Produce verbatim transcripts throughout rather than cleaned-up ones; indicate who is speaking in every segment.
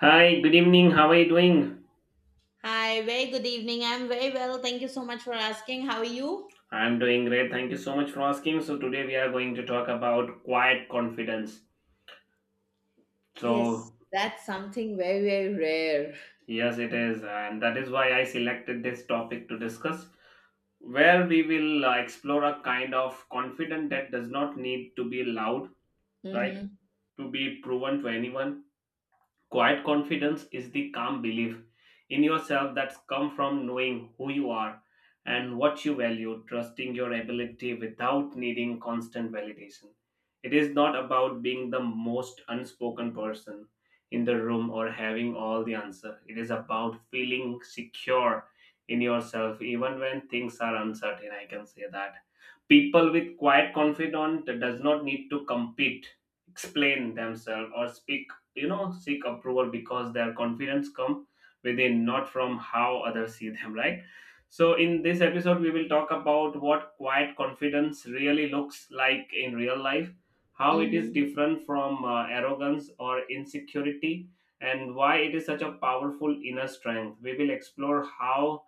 Speaker 1: Hi, good evening. How are you doing?
Speaker 2: Hi, very good evening. I'm very well. Thank you so much for asking. How are you?
Speaker 1: I'm doing great. Thank you so much for asking. So, today we are going to talk about quiet confidence. So,
Speaker 2: Yes, that's something very, very rare.
Speaker 1: yes, it is. And that is why I selected this topic to discuss, where we will uh, explore a kind of confidence that does not need to be loud, right?
Speaker 2: Mm-hmm.
Speaker 1: To be proven to anyone. Quiet confidence is the calm belief in yourself that's come from knowing who you are and what you value, trusting your ability without needing constant validation. It is not about being the most unspoken person in the room or having all the answer. It is about feeling secure in yourself even when things are uncertain. I can say that. People with quiet confidence does not need to compete, explain themselves or speak, you know seek approval because their confidence come within, not from how others see them, right? So in this episode we will talk about what quiet confidence really looks like in real life, how it is
Speaker 2: Mm-hmm.
Speaker 1: different from uh, arrogance or insecurity, and why it is such a powerful inner strength. We will explore how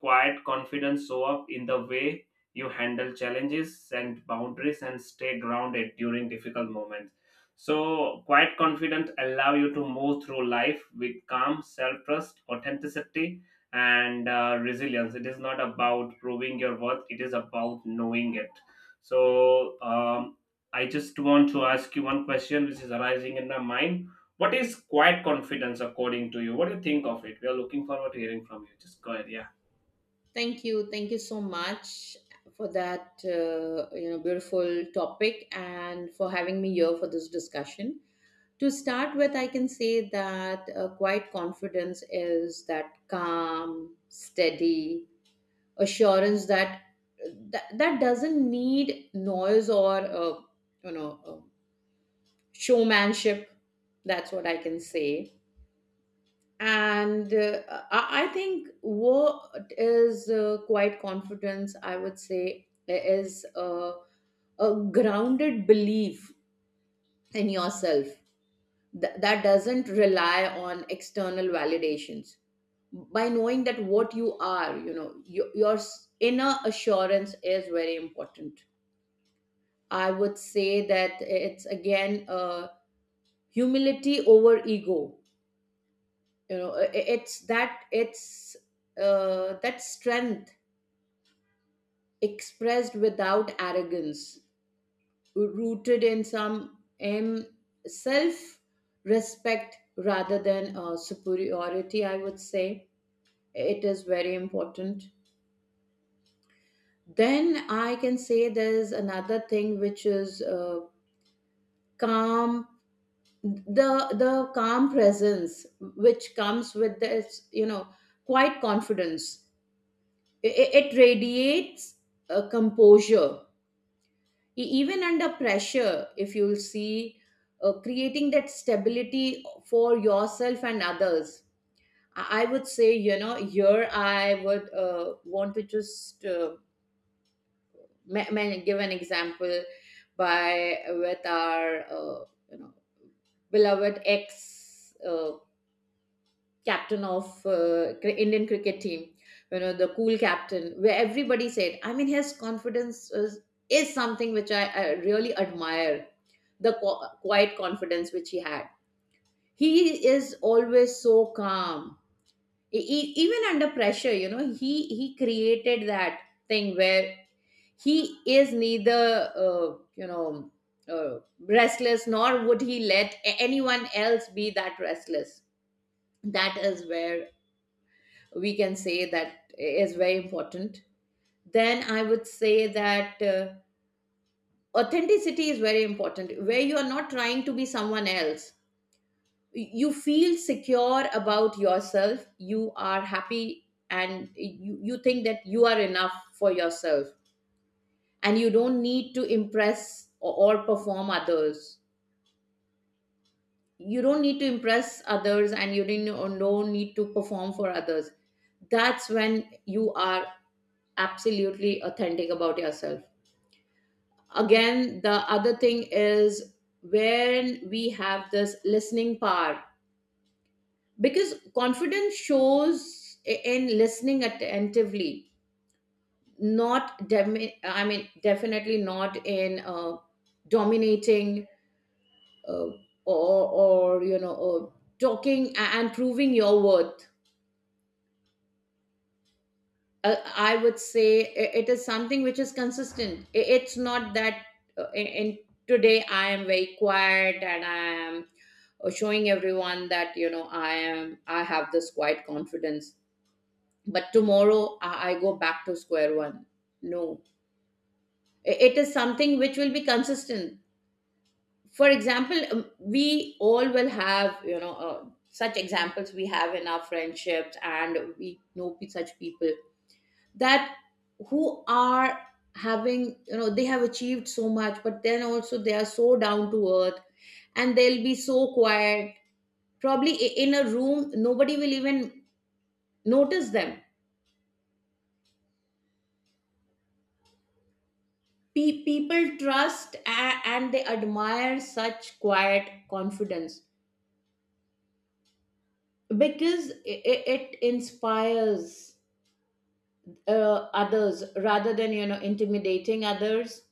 Speaker 1: quiet confidence show up in the way you handle challenges and boundaries and stay grounded during difficult moments. So, quiet confidence allow you to move through life with calm self-trust, authenticity, and uh, resilience. It is not about proving your worth; it is about knowing it. So, um, I just want to ask you one question, which is arising in my mind. What is quiet confidence according to you? What do you think of it? We are looking forward to hearing from you. Just go ahead. Yeah.
Speaker 2: Thank you. Thank you so much for that uh, you know beautiful topic and for having me here for this discussion. To start with, I can say that uh, quiet confidence is that calm, steady assurance that that, that doesn't need noise or uh, you know uh, showmanship. That's what I can say. And uh, I, I think what is uh, quite confidence, I would say, is uh, a grounded belief in yourself th- that doesn't rely on external validations. By knowing that what you are, you know your, your s- inner assurance is very important. I would say that it's again uh, humility over ego. You know i- i- it's that it's uh, that strength expressed without arrogance, rooted in some um, self respect rather than uh, superiority, I would say. It is very important. Then I can say there's another thing which is uh, calm, the the calm presence which comes with this you know quite confidence. It, it radiates uh, composure, E- even under pressure, if you'll see, uh, creating that stability for yourself and others. I, I would say, you know here I would uh, want to just uh, ma- ma- give an example by with our uh, you know beloved ex Uh, captain of uh, cri- Indian cricket team, you know, the cool captain, where everybody said, I mean, his confidence is, is something which I, I really admire, the qu- quiet confidence which he had. He is always so calm, E- e- even under pressure. You know, he he created that thing where he is neither uh, you know uh, restless, nor would he let a- anyone else be that restless. That is where we can say that is very important. Then I would say that uh, authenticity is very important, where you are not trying to be someone else. You feel secure about yourself, you are happy, and you, you think that you are enough for yourself, and you don't need to impress or, or perform others. You don't need to impress others, and you didn't or don't need to perform for others. That's when you are absolutely authentic about yourself. Again, the other thing is when we have this listening power, because confidence shows i- in listening attentively, not demi- I mean definitely not in uh, dominating, uh, or or you know or talking a- and proving your worth. uh, I would say i- it is something which is consistent. I- It's not that, uh, in, in today, I am very quiet, and I am uh, showing everyone that, you know I am I have this quiet confidence. But tomorrow, I, I go back to square one. No, I- it is something which will be consistent. For example, um, we all will have you know. Uh, such examples we have in our friendships, and we know pe- such people that who are having, you know they have achieved so much, but then also they are so down to earth, and they'll be so quiet. Probably i- in a room, nobody will even notice them. Pe- people trust a- and they admire such quiet confidence, because it, it inspires uh, others rather than you know intimidating others.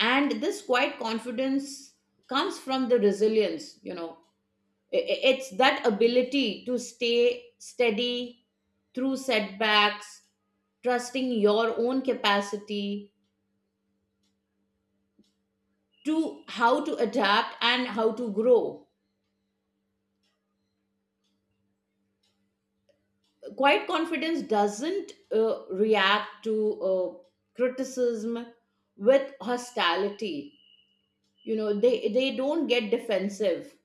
Speaker 2: And this quiet confidence comes from the resilience you know I- It's that ability to stay steady through setbacks, trusting your own capacity to how to adapt and how to grow. Quiet confidence doesn't uh, react to uh, criticism with hostility. You know, they, they don't get defensive.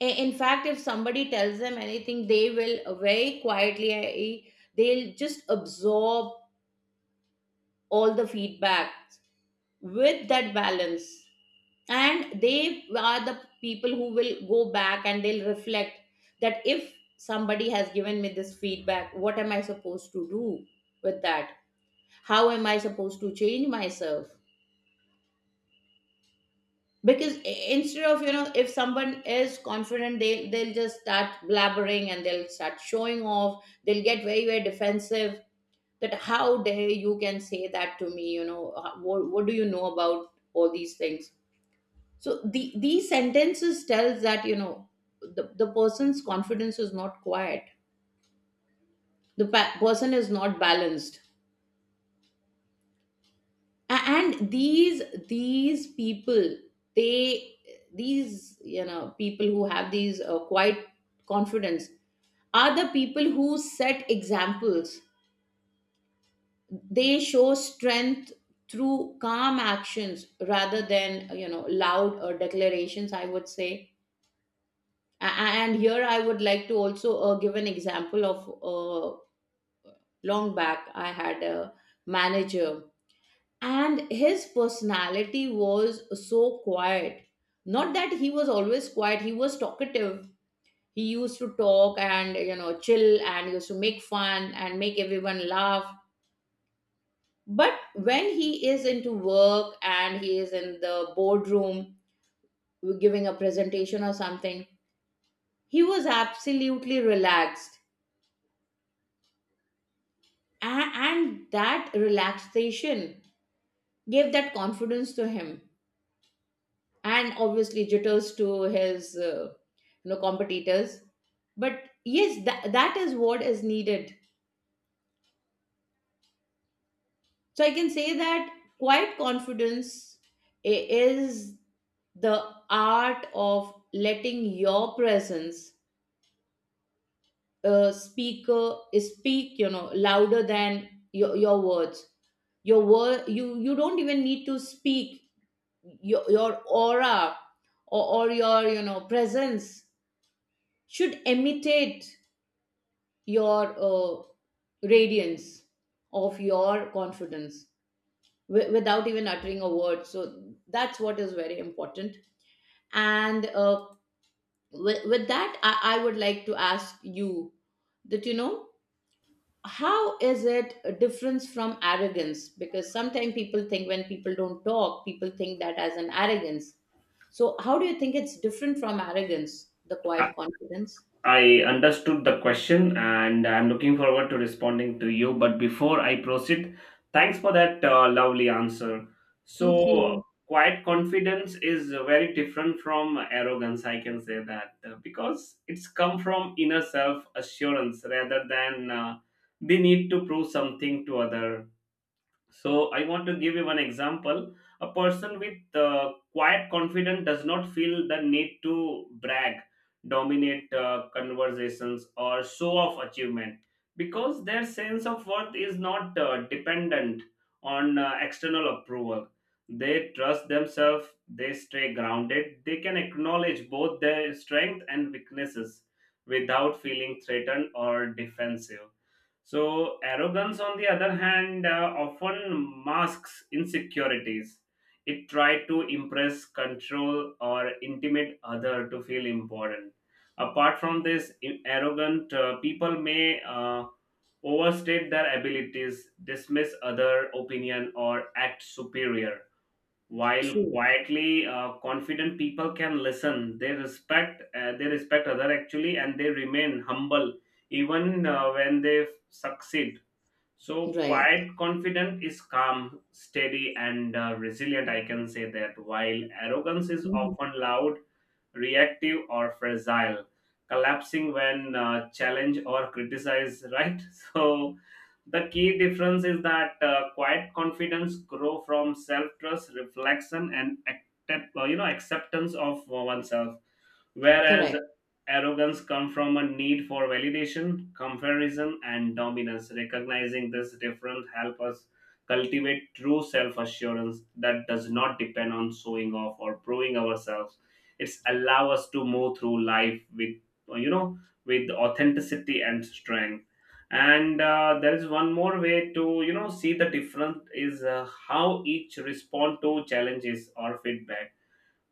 Speaker 2: I- In fact, if somebody tells them anything, they will uh, very quietly, uh, they'll just absorb all the feedback with that balance, and they are the people who will go back, and they'll reflect that if somebody has given me this feedback, what am I supposed to do with that? How am I supposed to change myself? Because i- instead of, you know if someone is confident, they they'll just start blabbering, and they'll start showing off, they'll get very very defensive. That, how dare you can say that to me! you know uh, what, what do you know about all these things? So the, these sentences tells that, you know the, the person's confidence is not quiet, the pa- person is not balanced. A- and these these people they these you know people who have these uh, quiet confidence are the people who set examples. They show strength through calm actions rather than you know loud uh, declarations, I would say. A- and here I would like to also uh, give an example of uh, long back, I had a manager, and his personality was so quiet. Not that he was always quiet, he was talkative. He used to talk, and you know chill, and used to make fun and make everyone laugh. But when he is into work and he is in the boardroom giving a presentation or something, he was absolutely relaxed. A- and that relaxation gave that confidence to him, and obviously jitters to his uh, you know competitors. But yes, that, that is what is needed. So I can say that quiet confidence i- is the art of letting your presence uh, speaker speak, you know louder than your, your words. Your word, you you don't even need to speak. Your, your aura or, or your you know presence should imitate your uh, radiance of your confidence, w- without even uttering a word. So that's what is very important. And uh, with, with that, I, I would like to ask you that, you know how is it a difference from arrogance? Because sometimes people think, when people don't talk, people think that as an arrogance. So how do you think it's different from arrogance, the quiet confidence?
Speaker 1: I understood the question and I'm looking forward to responding to you. But before I proceed, thanks for that uh, lovely answer.
Speaker 2: Thank
Speaker 1: So,
Speaker 2: you.
Speaker 1: quiet confidence is very different from arrogance, I can say that, uh, because it's come from inner self assurance rather than uh, the need to prove something to other. So I want to give you one example. A person with uh, quiet confidence does not feel the need to brag, dominate uh, conversations, or show off achievement because their sense of worth is not uh, dependent on uh, external approval. They trust themselves, they stay grounded, they can acknowledge both their strength and weaknesses without feeling threatened or defensive. So, arrogance, on the other hand, uh, often masks insecurities. It tries to impress, control, or intimidate other to feel important. Apart from this, in arrogant uh, people may uh, overstate their abilities, dismiss other opinion, or act superior, while
Speaker 2: True.
Speaker 1: quietly uh, confident people can listen, they respect uh, they respect other actually, and they remain humble even uh, when they f- succeed. So,
Speaker 2: Right.
Speaker 1: quiet confidence is calm, steady, and uh, resilient. I can say that while arrogance is
Speaker 2: Mhm.
Speaker 1: often loud, reactive, or fragile, collapsing when uh, challenged or criticized, right? So, the key difference is that uh, quiet confidence grow from self-trust, reflection, and accept, uh, you know acceptance of uh, oneself, whereas
Speaker 2: Correct.
Speaker 1: arrogance comes from a need for validation, comparison, and dominance. Recognizing this difference helps us cultivate true self assurance that does not depend on showing off or proving ourselves. It's allow us to move through life with, you know with authenticity and strength. And uh, there is one more way to, you know see the difference is uh, how each respond to challenges or feedback.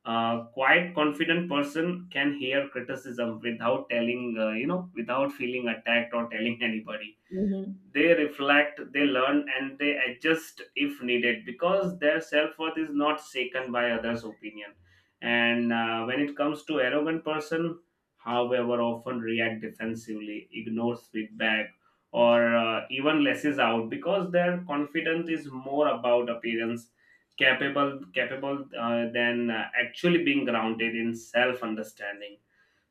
Speaker 1: A quiet confident person can hear criticism without telling, uh, you know without feeling attacked or telling anybody.
Speaker 2: Hmm.
Speaker 1: They reflect, they learn, and they adjust if needed because their self-worth is not shaken by others opinion. And uh, when it comes to arrogant person, however, often react defensively, ignores feedback, or uh, even lashes out because their confidence is more about appearance capable capable uh, than uh, actually being grounded in self understanding.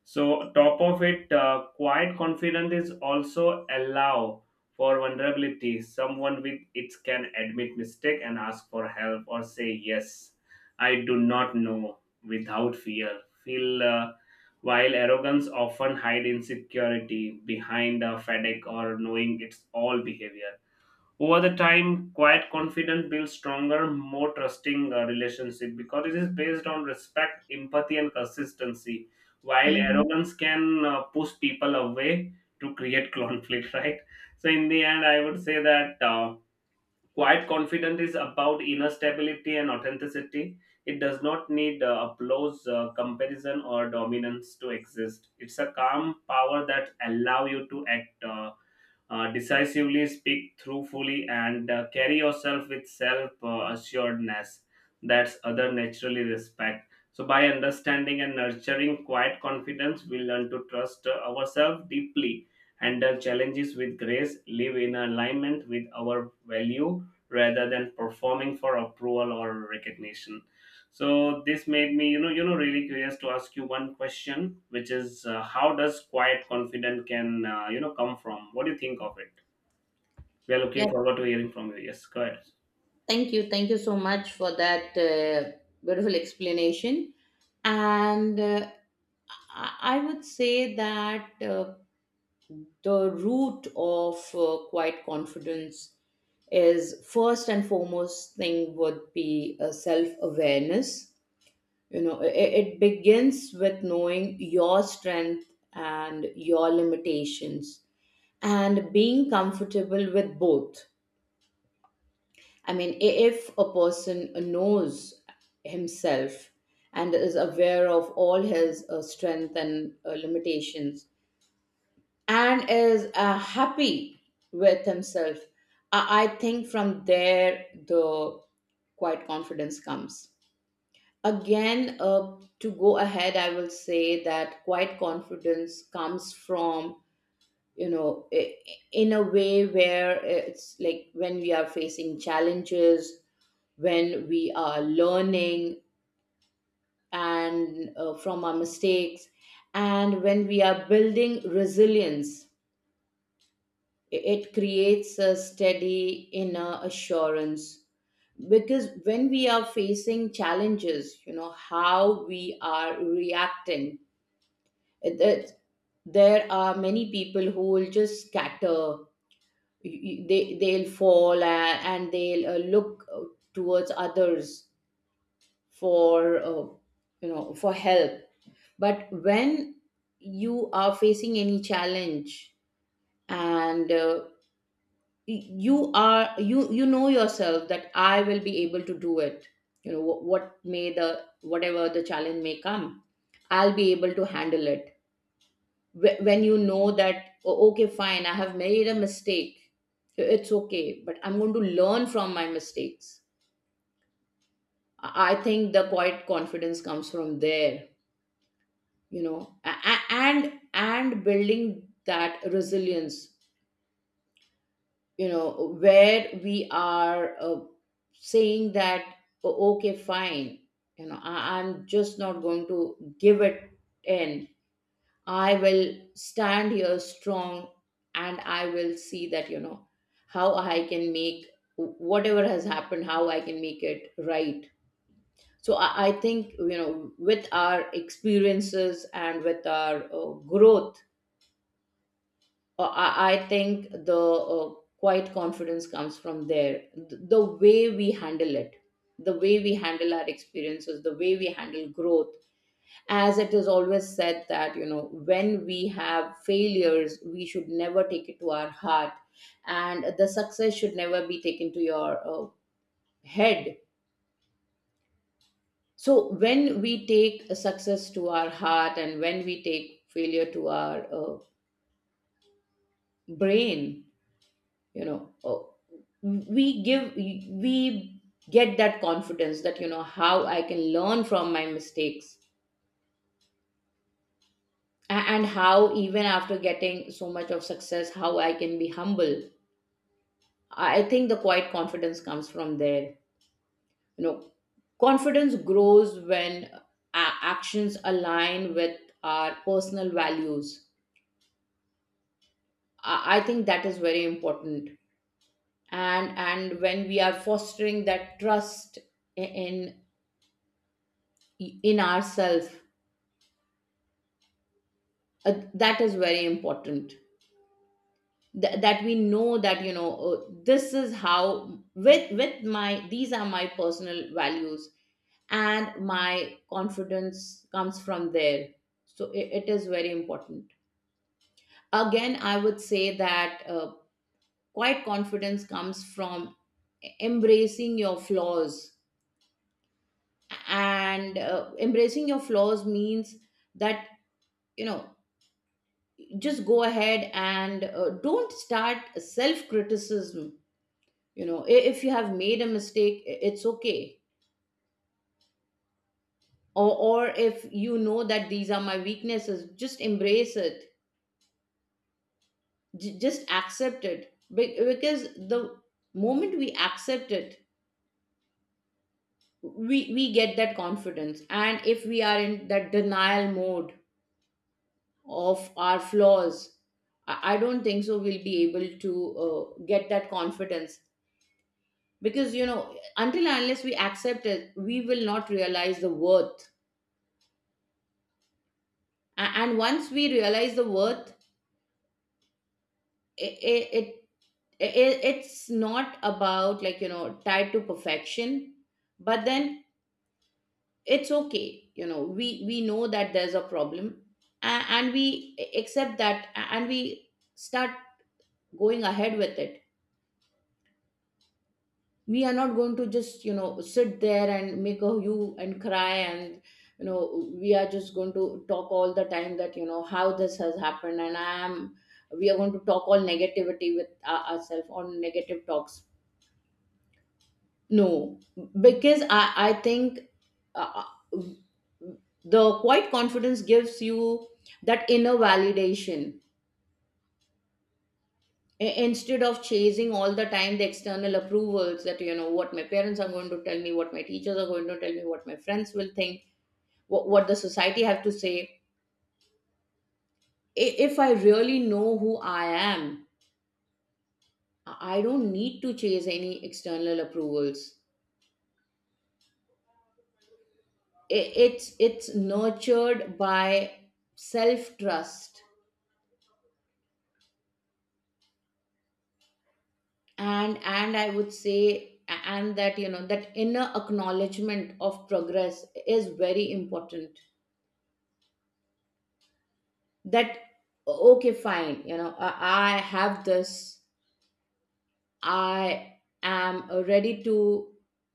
Speaker 1: So top of it, uh, quiet confidence is also allow for vulnerability. Someone with it can admit mistake and ask for help or say yes, I do not know, without fear. Feel uh, While arrogance often hide insecurity behind a fatigue or knowing it's all behavior, over the time quiet confidence builds stronger, more trusting uh, relationship because it is based on respect, empathy, and consistency, while
Speaker 2: Hmm.
Speaker 1: arrogance can uh, push people away to create conflict, right? So in the end, I would say that uh, quiet confidence is about inner stability and authenticity. It does not need uh, applause, uh, comparison, or dominance to exist. It's a calm power that allow you to act uh, uh, decisively, speak truthfully, and uh, carry yourself with self uh, assuredness that's other naturally respect. So, by understanding and nurturing quiet confidence, we learn to trust uh, ourselves deeply, handle challenges with grace, live in alignment with our value rather than performing for approval or recognition. So this made me, you know, you know, really curious to ask you one question, which is, uh, how does quiet confidence can, uh, you know, come from? What do you think of it? We are
Speaker 2: Yeah,
Speaker 1: looking forward to hearing from you. Yes, go ahead.
Speaker 2: thank you. Thank you so much for that uh, beautiful explanation. And uh, I I would say that uh, the root of uh, quiet confidence is, first and foremost thing would be a self awareness. You know it, it begins with knowing your strength and your limitations, and being comfortable with both. I mean, i- if a person knows himself and is aware of all his uh, strength and uh, limitations, and is uh, happy with himself, I, I think from there the quiet confidence comes. Again, uh, to go ahead, I will say that quiet confidence comes from, you know i- in a way where it's like when we are facing challenges, when we are learning and, uh, from our mistakes, and when we are building resilience, it creates a steady inner assurance. Because when we are facing challenges, you know how we are reacting, it- it- there are many people who will just scatter. You- you- they they'll fall, and and they'll uh, look, uh, towards others for, uh, you know for help. But when you are facing any challenge, and uh, you are you you know yourself that I will be able to do it. you know what, what may the whatever the challenge may come, I'll be able to handle it. Wh- when you know that, "Oh, okay, fine, I have made a mistake, it's okay, but I'm going to learn from my mistakes," i I think the quiet confidence comes from there you know a- a- and and building that resilience, you know where we are uh, saying that, "Oh, okay, fine, you know I, i'm just not going to give it in. I will stand here strong, and I will see that, you know how I can make whatever has happened, how I can make it right." So i, I think, you know with our experiences and with our uh, growth, uh, I, I think the uh, quiet confidence comes from there. Th- The way we handle it, the way we handle our experiences, the way we handle growth. As it is always said that, you know, when we have failures, we should never take it to our heart, and the success should never be taken to your uh, head. So, when we take success to our heart and when we take failure to our uh, brain, you know oh, we give we get that confidence that you know how I can learn from my mistakes. A- and how even after getting so much of success, how I can be humble. I think the quiet confidence comes from there. you know Confidence grows when uh, actions align with our personal values. I I think that is very important, and and when we are fostering that trust i- in in ourselves, uh, that is very important. Th- that we know that, you know uh, this is how, with with my these are my personal values, and my confidence comes from there. So i- it is very important. Again, I would say that uh, quite confidence comes from e-, embracing your flaws. And uh, embracing your flaws means that, you know just go ahead and uh, don't start self criticism. you know i- if you have made a mistake, i- it's okay. Or or if you know that these are my weaknesses, just embrace it. J- just accept it. Be- because the moment we accept it, we we get that confidence. And if we are in that denial mode of our flaws, i I don't think so we'll be able to uh, get that confidence, because, you know until and unless we accept it, we will not realize the worth. A- and once we realize the worth, it, it, it it's not about, like, you know tied to perfection, but then it's okay. you know we we know that there's a problem, and, and we accept that, and we start going ahead with it. We are not going to just, you know sit there and make a hue and cry and, you know we are just going to talk all the time that, you know how this has happened. And I am we are going to talk all negativity with our, ourselves, on negative talks. No. Because i i think uh, uh, the quiet confidence gives you that inner validation. I- instead of chasing all the time the external approvals, that, you know what my parents are going to tell me, what my teachers are going to tell me, what my friends will think, what, what the society have to say. I- if I really know who I am, i I don't need to chase any external approvals. I- it's it's nurtured by self trust. And and I would say, and that, you know that inner acknowledgement of progress is very important. That, okay, fine, you know i, I have this. I am ready to,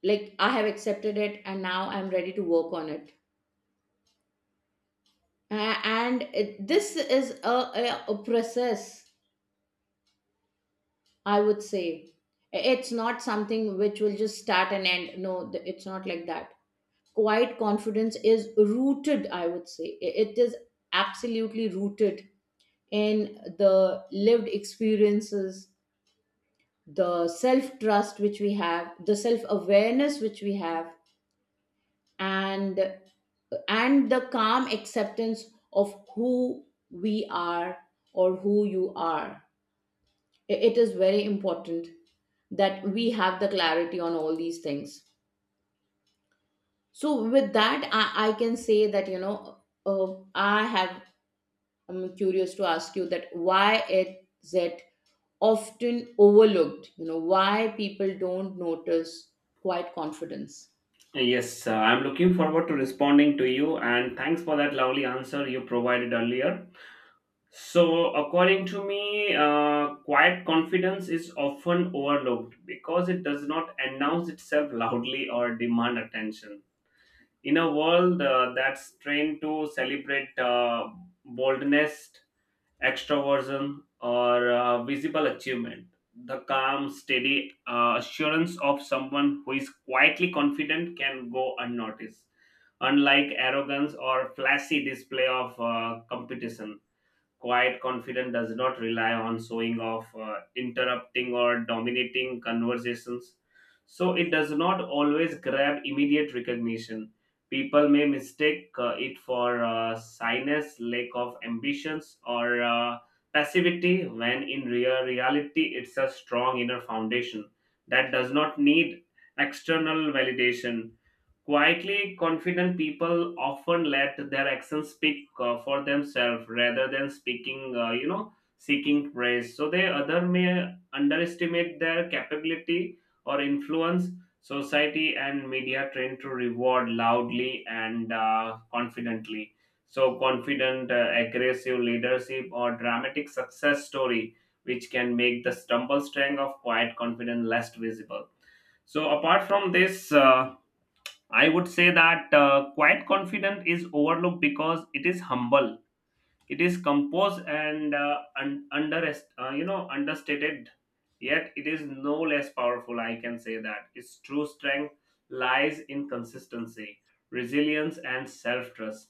Speaker 2: like, I have accepted it, and now I'm ready to work on it. A- and it, this is a, a, a process, I would say. It's not something which will just start and end. No, th- it's not like that. Quiet confidence is rooted, I would say, it it is absolutely rooted in the lived experiences, the self trust which we have, the self awareness which we have, and and the calm acceptance of who we are, or who you are. I- it is very important that we have the clarity on all these things. So with that, i, I can say that, you know uh, i have I'm curious to ask you that, why is it often overlooked? You know, why people don't notice quiet confidence?
Speaker 1: Yes, uh, I'm looking forward to responding to you, and thanks for that lovely answer you provided earlier. So, according to me, uh, quiet confidence is often overlooked because it does not announce itself loudly or demand attention, in a world uh, that's trained to celebrate uh, boldness, extroversion, or uh, visible achievement. The calm, steady uh, assurance of someone who is quietly confident can go unnoticed, unlike arrogance or flashy display of uh, competition. Quiet confidence does not rely on showing off, uh, interrupting, or dominating conversations. So it does not always grab immediate recognition. People may mistake uh, it for uh, shyness, lack of ambitions, or uh, passivity, when in real reality, it's a strong inner foundation that does not need external validation. Quietly confident people often let their actions speak uh, for themselves rather than speaking, uh, you know, seeking praise. So they other may underestimate their capability or influence. Society and media tend to reward loudly and uh, confidently. So confident, uh, aggressive leadership or dramatic success story, which can make the stumble strength of quiet confidence less visible. So apart from this. Uh, I would say that uh, quiet confidence is overlooked because it is humble, it is composed, and uh, un- under uh, you know understated, yet it is no less powerful. I can say that its true strength lies in consistency, resilience, and self-trust.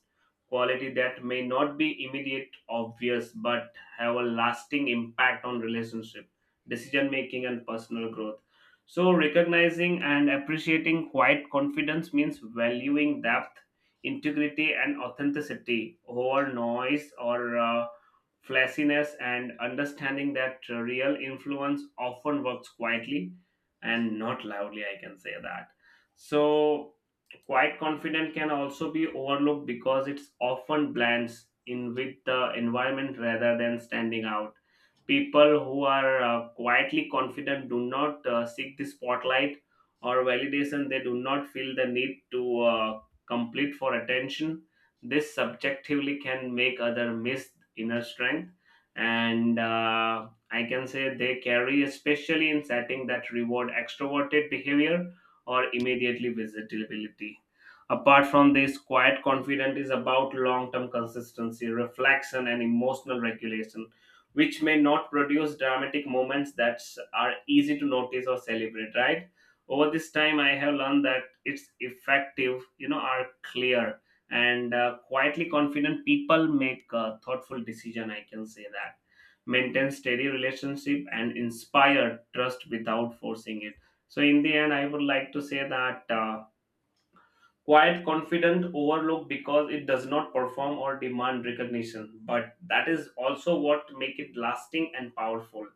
Speaker 1: Quality that may not be immediate obvious but have a lasting impact on relationship, decision making, and personal growth. So recognizing and appreciating quiet confidence means valuing depth, integrity, and authenticity over noise or uh, flashiness, and understanding that uh, real influence often works quietly and not loudly, I can say that. So quite confident can also be overlooked because it's often blends in with the environment rather than standing out. People who are uh, quietly confident do not uh, seek the spotlight or validation. They do not feel the need to uh, complete for attention. This subjectively can make other miss inner strength, and uh, I can say they carry, especially in setting that reward extroverted behavior or immediately visibility. Apart from this, quiet confidence is about long-term consistency, reflection, and emotional regulation, which may not produce dramatic moments that are easy to notice or celebrate. Right, over this time I have learned that it's effective, you know are clear, and uh, quietly confident people make uh, thoughtful decision, I can say that, maintain steady relationship and inspire trust without forcing it. So in the end, I would like to say that uh, quiet confident overlooked because it does not perform or demand recognition, but that is also what make it lasting and powerful.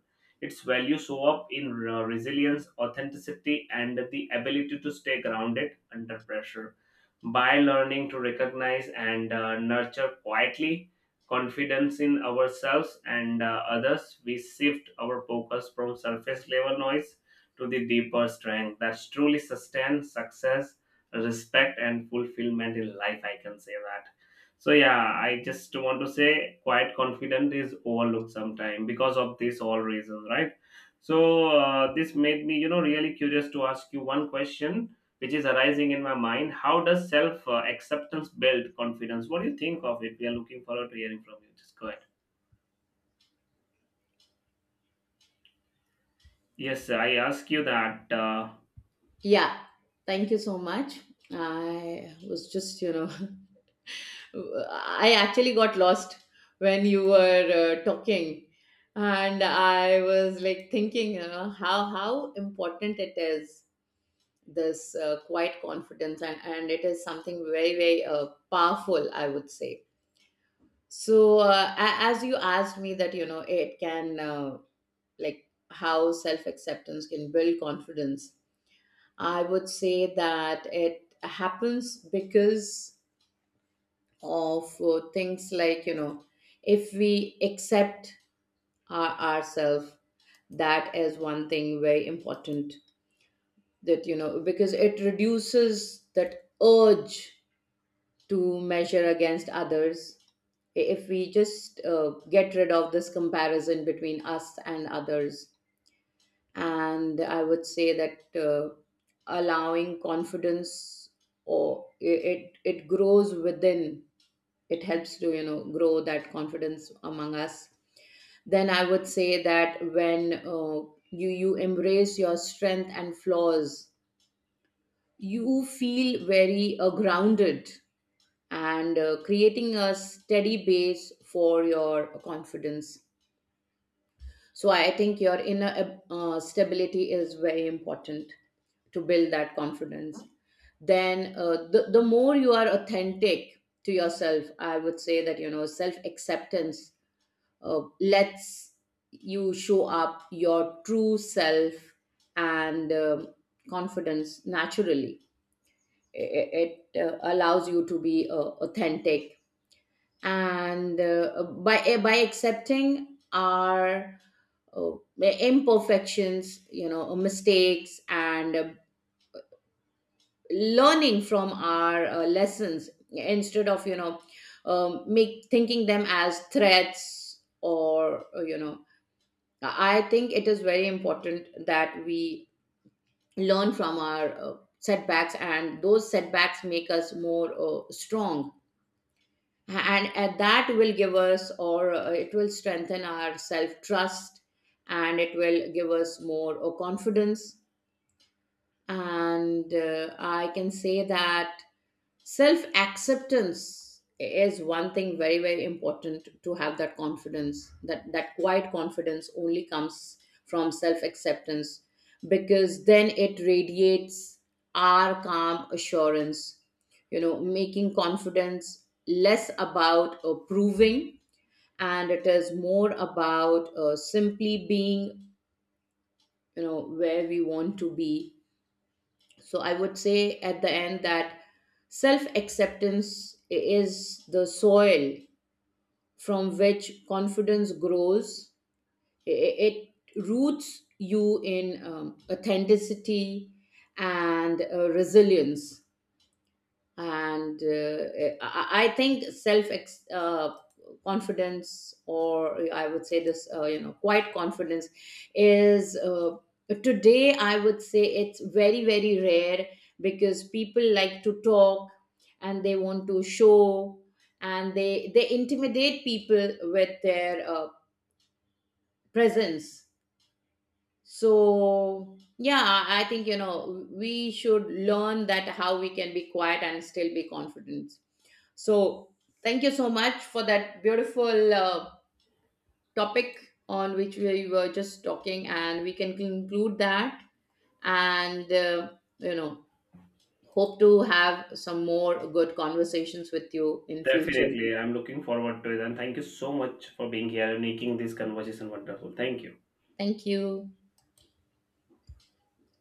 Speaker 1: Its value show up in uh, resilience, authenticity, and the ability to stay grounded under pressure. By learning to recognize and uh, nurture quietly confidence in ourselves and uh, others, we shift our focus from surface level noise to the deeper strength that truly sustains success, respect, and fulfillment in life, I can say that. So yeah, I just want to say quite confident is overlooked sometime because of this all reasons, right? So uh, this made me, you know really curious to ask you one question which is arising in my mind. How does self uh, acceptance build confidence? What do you think of it? We are looking forward to hearing from you. Just go ahead. Yes, I ask you that, uh,
Speaker 2: Yeah, thank you so much. I was just, you know, I actually got lost when you were uh, talking, and I was like thinking, you know, how how important it is, this uh, quiet confidence, and and it is something very very uh, powerful, I would say. So, uh, a- as you asked me that, you know, it can, uh, like, how self acceptance can build confidence, I would say that it happens because of uh, things like, you know, if we accept our, ourselves. That is one thing very important, that, you know, because it reduces that urge to measure against others. If we just uh, get rid of this comparison between us and others, and I would say that uh, allowing confidence, or i- it it grows within. It helps to, you know grow that confidence among us. Then I would say that when uh, you you embrace your strength and flaws, you feel very uh, grounded, and uh, creating a steady base for your confidence. So I think your inner uh, stability is very important to build that confidence. Then uh, the, the more you are authentic to yourself, I would say that, you know, self acceptance uh, lets you show up your true self and um confidence naturally. It, it uh, allows you to be uh, authentic, and uh, by eh, by accepting our uh, imperfections, you know uh, mistakes, and uh, learning from our uh, lessons, instead of, you know um, make thinking them as threats. Or uh, you know I think it is very important that we learn from our uh, setbacks, and those setbacks make us more uh, strong, and, and that will give us, or uh, it will strengthen our self trust, and it will give us more uh, confidence. And uh, I can say that self acceptance is one thing very, very important to have that confidence. That, that quiet confidence only comes from self acceptance, because then it radiates our calm assurance, you know, making confidence less about uh, proving, and it is more about uh, simply being, you know where we want to be. So I would say at the end that self acceptance is the soil from which confidence grows. I- It roots you in um, authenticity and uh, resilience. And uh, eh, I, I think self ex- uh, confidence, or I would say, this uh, you know quiet confidence is, uh, today, I would say, it's very very rare, because people like to talk and they want to show, and they they intimidate people with their uh, presence. So yeah, i I think, you know we should learn that how we can be quiet and still be confident. So, thank you so much for that beautiful uh, topic on which we were just talking, and we can conclude that. And, uh, you know, hope to have some more good conversations with you in future.
Speaker 1: definitely I'm looking forward to it, and thank you so much for being here and making this conversation wonderful. Thank you.
Speaker 2: Thank you.